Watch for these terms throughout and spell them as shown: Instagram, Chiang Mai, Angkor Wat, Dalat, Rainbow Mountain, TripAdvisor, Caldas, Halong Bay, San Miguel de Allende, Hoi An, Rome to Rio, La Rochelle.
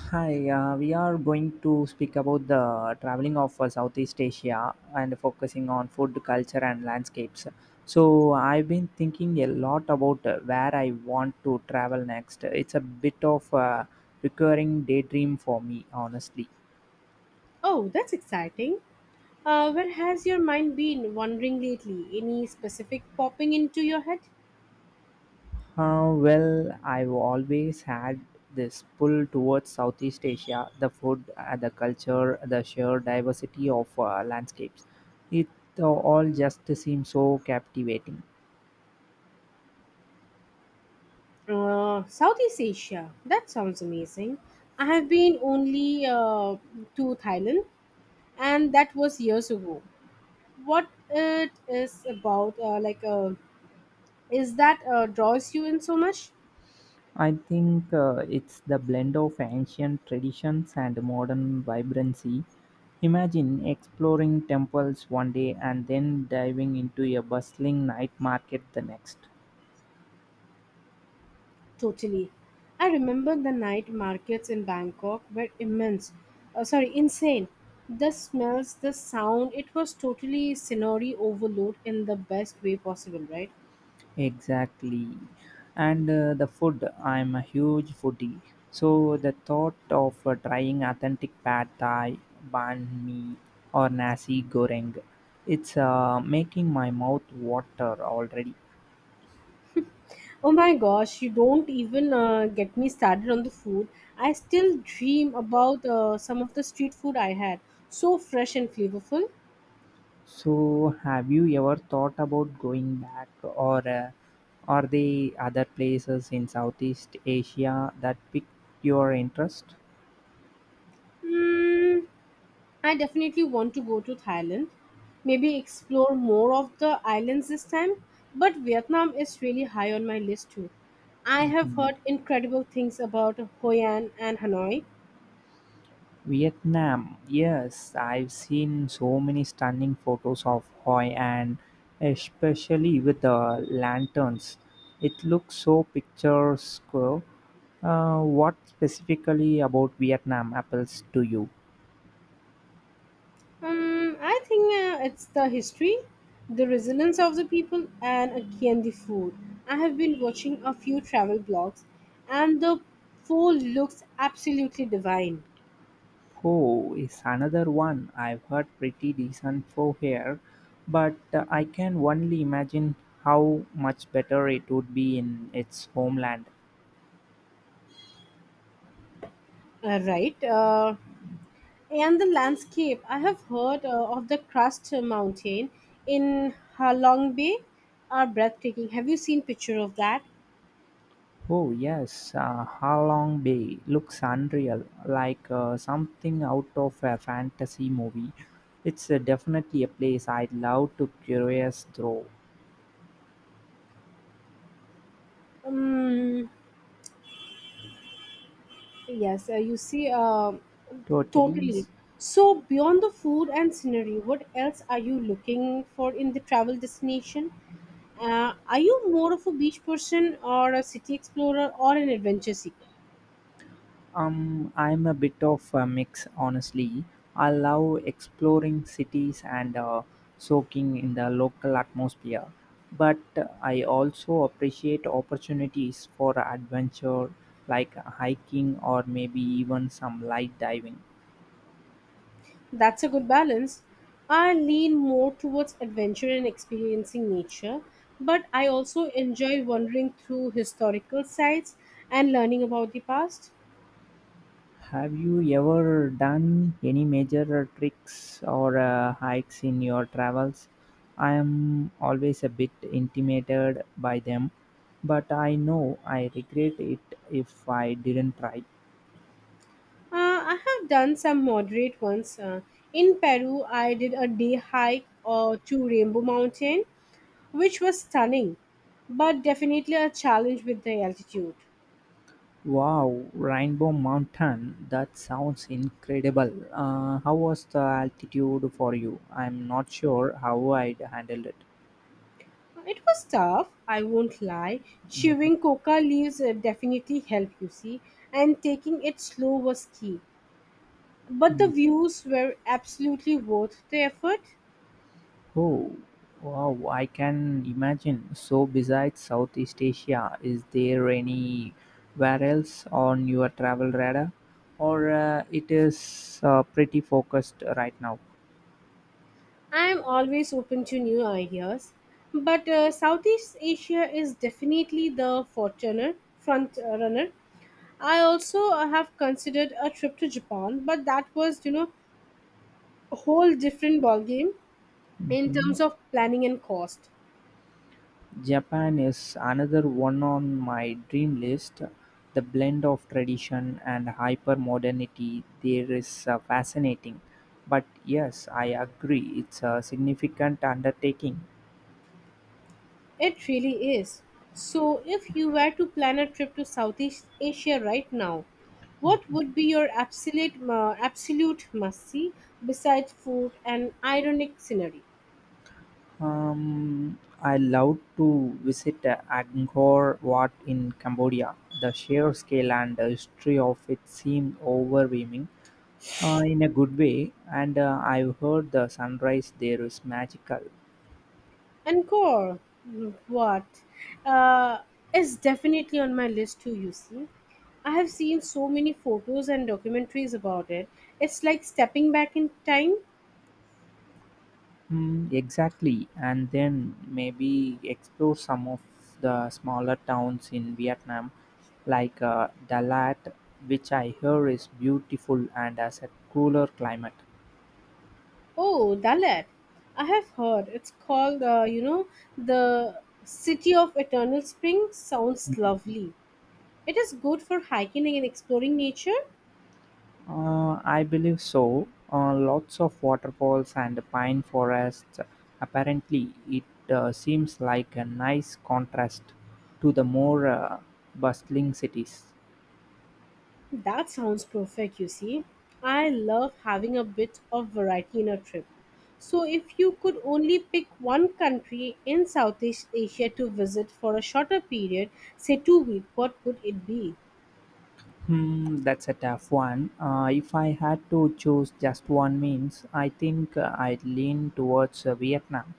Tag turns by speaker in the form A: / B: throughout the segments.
A: We are going to speak about the traveling of Southeast Asia and focusing on food, culture, and landscapes. So, I've been thinking a lot about where I want to travel next. It's a bit of a recurring daydream for me, honestly.
B: Oh, that's exciting. Where has your mind been wandering lately? Any specific popping into your head?
A: Well, I've always had this pull towards Southeast Asia, the food, the culture, the sheer diversity of landscapes. It all just seems so captivating.
B: Southeast Asia. That sounds amazing. I have been only to Thailand, and that was years ago. What it is about, is that draws you in so much?
A: I think it's the blend of ancient traditions and modern vibrancy. Imagine exploring temples one day and then diving into a bustling night market the next.
B: Totally. I remember the night markets in Bangkok were immense. Sorry, insane. The smells, the sound, it was totally scenery overload in the best way possible, right?
A: Exactly. And the food, I'm a huge foodie. So the thought of trying authentic pad thai, banh mi, or nasi goreng, it's making my mouth water already.
B: Oh my gosh, you don't even get me started on the food. I still dream about some of the street food I had. So fresh and flavorful.
A: So, have you ever thought about going back, or are there other places in Southeast Asia that piqued your interest?
B: Mm, I definitely want to go to Thailand, maybe explore more of the islands this time, but Vietnam is really high on my list too. I have
A: Mhm.
B: heard incredible things about Hoi An and Hanoi.
A: Vietnam, yes, I've seen so many stunning photos of Hoi An, especially with the lanterns. It looks so picturesque. What specifically about Vietnam appeals to you?
B: I think it's the history, the resilience of the people, and again the food. I have been watching a few travel blogs, and the food looks absolutely divine.
A: Faux is another one I've heard pretty decent for here, but I can only imagine how much better it would be in its homeland.
B: Right? And the landscape. I have heard of the Crust Mountain in Halong Bay are breathtaking. Have you seen picture of that?
A: Oh, yes, Halong Bay looks unreal, like something out of a fantasy movie. It's definitely a place I'd love to curious through.
B: Um, yes, you see,
A: Totally.
B: totally. So beyond the food and scenery, what else are you looking for in the travel destination? Are you more of a beach person or a city explorer or an adventure seeker?
A: I'm a bit of a mix, honestly. I love exploring cities and soaking in the local atmosphere, but I also appreciate opportunities for adventure like hiking or maybe even some light diving.
B: That's a good balance. I lean more towards adventure and experiencing nature, but I also enjoy wandering through historical sites and learning about the past.
A: Have you ever done any major tricks or hikes in your travels? I am always a bit intimidated by them, but I know I regret it if I didn't try.
B: I have done some moderate ones. In Peru, I did a day hike to Rainbow Mountain, which was stunning, but definitely a challenge with the altitude.
A: Wow, Rainbow Mountain, that sounds incredible. How was the altitude for you? I'm not sure how I'd handle it.
B: It was tough, I won't lie.
A: Mhm.
B: Chewing coca leaves definitely helped, you see, and taking it slow was key. But the views were absolutely worth the effort.
A: Oh, wow, I can imagine. So, besides Southeast Asia, is there anywhere else on your travel radar? Or it is pretty focused right now?
B: I am always open to new ideas. But Southeast Asia is definitely the forerunner, front runner. I also have considered a trip to Japan, but that was, you know, a whole different ballgame in
A: Mhm.
B: terms of planning and cost.
A: Japan is another one on my dream list. The blend of tradition and hyper modernity there is fascinating. But yes, I agree, it's a significant undertaking.
B: It really is. So, if you were to plan a trip to Southeast Asia right now, what would be your absolute must-see besides food and ironic scenery?
A: I love to visit Angkor Wat in Cambodia. The sheer scale and the history of it seem overwhelming in a good way, and I've heard the sunrise there is magical.
B: Encore, mm, what? Uh, is definitely on my list too. You see, I have seen so many photos and documentaries about it. It's like stepping back in time.
A: Hmm, exactly, and then maybe explore some of the smaller towns in Vietnam, like Dalat, which I hear is beautiful and has a cooler climate.
B: Oh, Dalat. I have heard. It's called, you know, the City of Eternal Spring. Sounds
A: Mm.
B: lovely. It is good for hiking and exploring nature.
A: I believe so. Lots of waterfalls and pine forests. Apparently, it seems like a nice contrast to the more bustling cities.
B: That sounds perfect, you see. I love having a bit of variety in a trip. So, if you could only pick one country in Southeast Asia to visit for a shorter period, say 2 weeks, what would it be?
A: Hmm, that's a tough one. If I had to choose just one means, I think I'd lean towards Vietnam.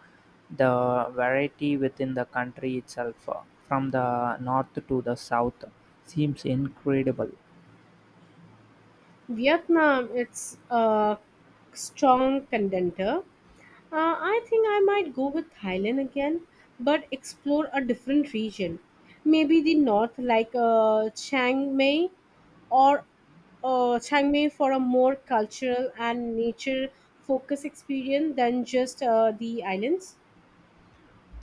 A: The variety within the country itself, from the north to the south, seems incredible.
B: Vietnam, it's a strong contender. I think I might go with Thailand again, but explore a different region. Maybe the north, like or Chiang Mai, for a more cultural and nature focused experience than just the islands.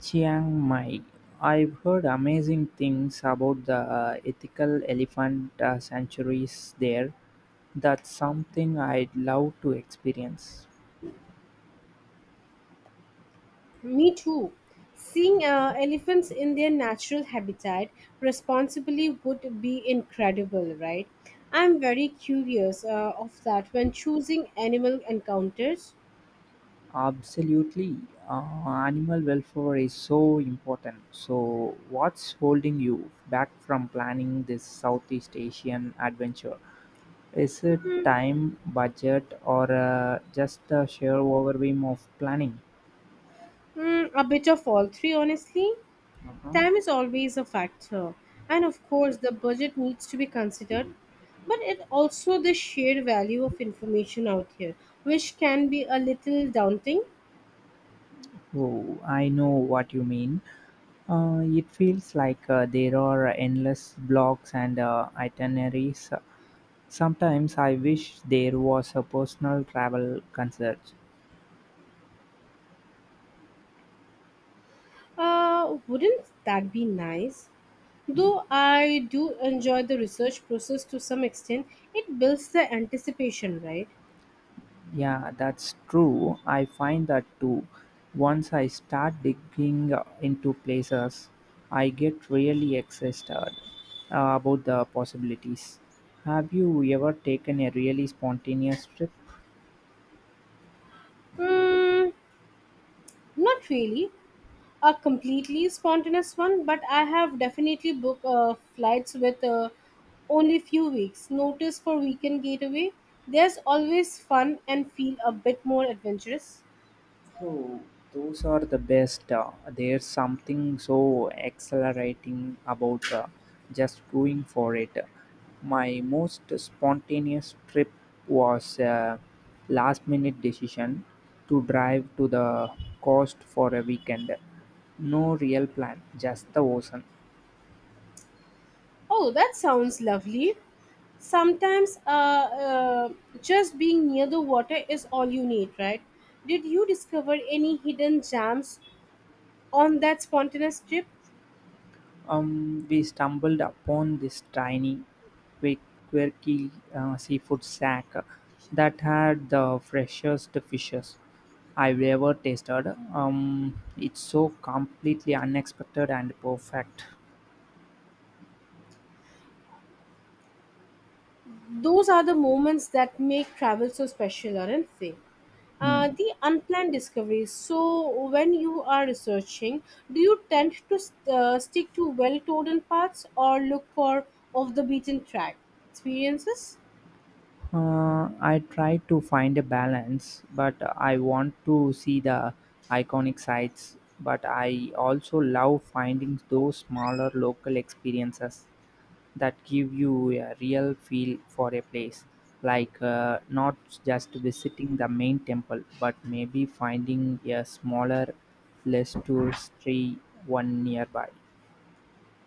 A: Chiang Mai. I've heard amazing things about the ethical elephant sanctuaries there. That's something I'd love to experience.
B: Me too. Seeing elephants in their natural habitat responsibly would be incredible, right? I'm very curious of that when choosing animal encounters.
A: Absolutely. Animal welfare is so important. So, what's holding you back from planning this Southeast Asian adventure? Is it time, budget, or just the sheer overwhelm of planning?
B: Mm, a bit of all three, honestly.
A: Uh-huh.
B: Time is always a factor, and of course, the budget needs to be considered, but it also the sheer value of information out here, which can be a little daunting.
A: Oh, I know what you mean. It feels like there are endless blogs and itineraries. Sometimes I wish there was a personal travel concert.
B: Wouldn't that be nice? Though I do enjoy the research process to some extent, it builds the anticipation, right?
A: Yeah, that's true. I find that too. Once I start digging into places, I get really excited about the possibilities. Have you ever taken a really spontaneous trip?
B: Mm, not really a completely spontaneous one, but I have definitely booked flights with only few weeks notice for weekend getaway. There's always fun and feel a bit more adventurous.
A: Oh, those are the best. There's something so exhilarating about just going for it. My most spontaneous trip was a last minute decision to drive to the coast for a weekend. No real plan, just the ocean.
B: Oh, that sounds lovely. Sometimes uh, just being near the water is all you need, right? Did you discover any hidden gems on that spontaneous trip?
A: We stumbled upon this tiny, quick, quirky seafood shack that had the freshest fishes I've ever tasted. It's so completely unexpected and perfect.
B: Those are the moments that make travel so special, aren't they?
A: Hmm.
B: The unplanned discoveries. So, when you are researching, do you tend to stick to well-trodden paths or look for off-the-beaten track experiences?
A: I try to find a balance, but I want to see the iconic sites. But I also love finding those smaller local experiences that give you a real feel for a place like not just visiting the main temple but maybe finding a smaller less touristy one nearby.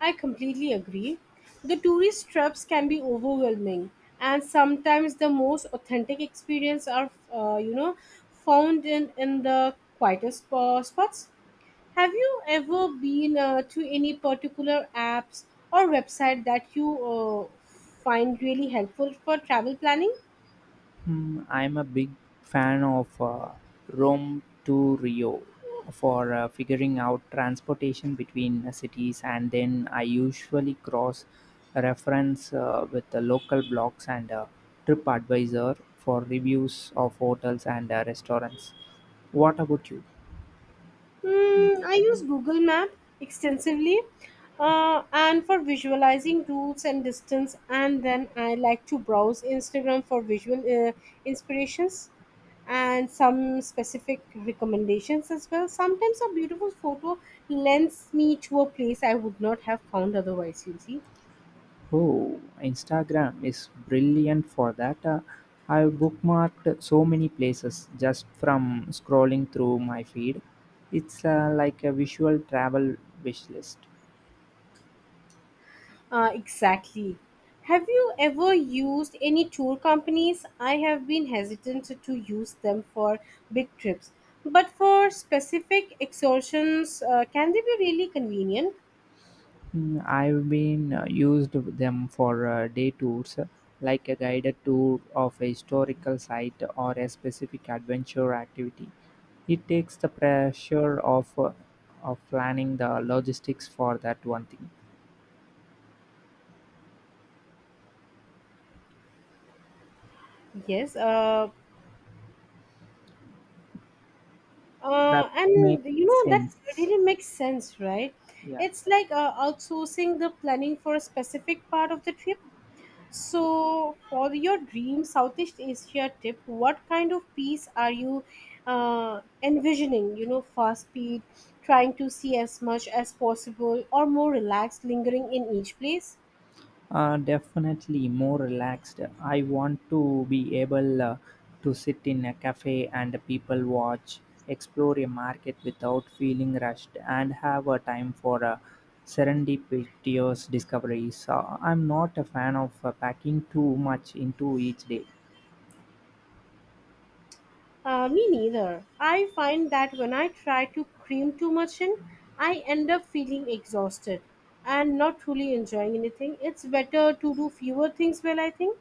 B: I completely agree. The tourist traps can be overwhelming, and sometimes the most authentic experience are, you know, found in the quietest spots. Have you ever been to any particular apps or website that you find really helpful for travel planning?
A: Hmm, I'm a big fan of Rome to Rio for figuring out transportation between cities, and then I usually cross reference with the local blogs and TripAdvisor for reviews of hotels and restaurants. What about you?
B: Hmm, I use Google Map extensively and for visualizing routes and distance, and then I like to browse Instagram for visual inspirations and some specific recommendations as well. Sometimes a beautiful photo lends me to a place I would not have found otherwise, you see.
A: Oh, Instagram is brilliant for that. I've bookmarked so many places just from scrolling through my feed. It's like a visual travel wish list.
B: Exactly. Have you ever used any tour companies? I have been hesitant to use them for big trips, but for specific excursions, can they be really convenient?
A: I've been used them for day tours, like a guided tour of a historical site or a specific adventure activity. It takes the pressure of planning the logistics for that one thing.
B: Yes, uh,
A: That
B: uh,
A: makes
B: and you know that
A: sense.
B: really makes sense, right?
A: Yeah.
B: It's like outsourcing the planning for a specific part of the trip. So, for your dream Southeast Asia trip, what kind of peace are you envisioning? You know, fast speed, trying to see as much as possible, or more relaxed, lingering in each place?
A: Definitely more relaxed. I want to be able to sit in a cafe and people watch, explore a market without feeling rushed, and have a time for serendipitous discoveries. I'm not a fan of packing too much into each day.
B: Me neither. I find that when I try to cream too much in, I end up feeling exhausted and not truly enjoying anything. It's better to do fewer things well, I think.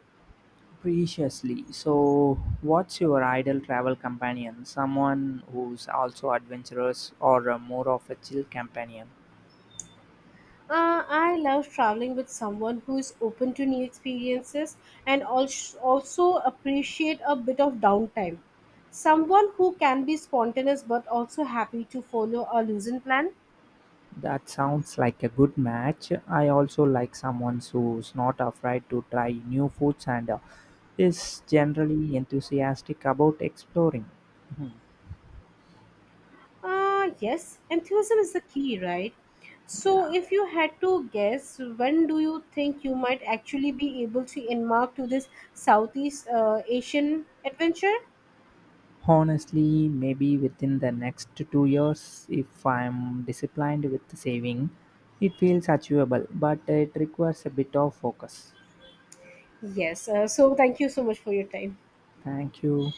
A: Preciously. So, what's your ideal travel companion? Someone who's also adventurous or more of a chill companion?
B: I love traveling with someone who is open to new experiences and also appreciate a bit of downtime. Someone who can be spontaneous but also happy to follow a loosened plan.
A: That sounds like a good match. I also like someone who's not afraid to try new foods and is generally enthusiastic about exploring. Mhm.
B: Yes, enthusiasm is the key, right? So,
A: Yeah.
B: if you had to guess, when do you think you might actually be able to embark to this Southeast Asian adventure?
A: Honestly, maybe within the next 2 years, if I'm disciplined with saving, it feels achievable, but it requires a bit of focus.
B: Yes. So, thank you so much for your time.
A: Thank you.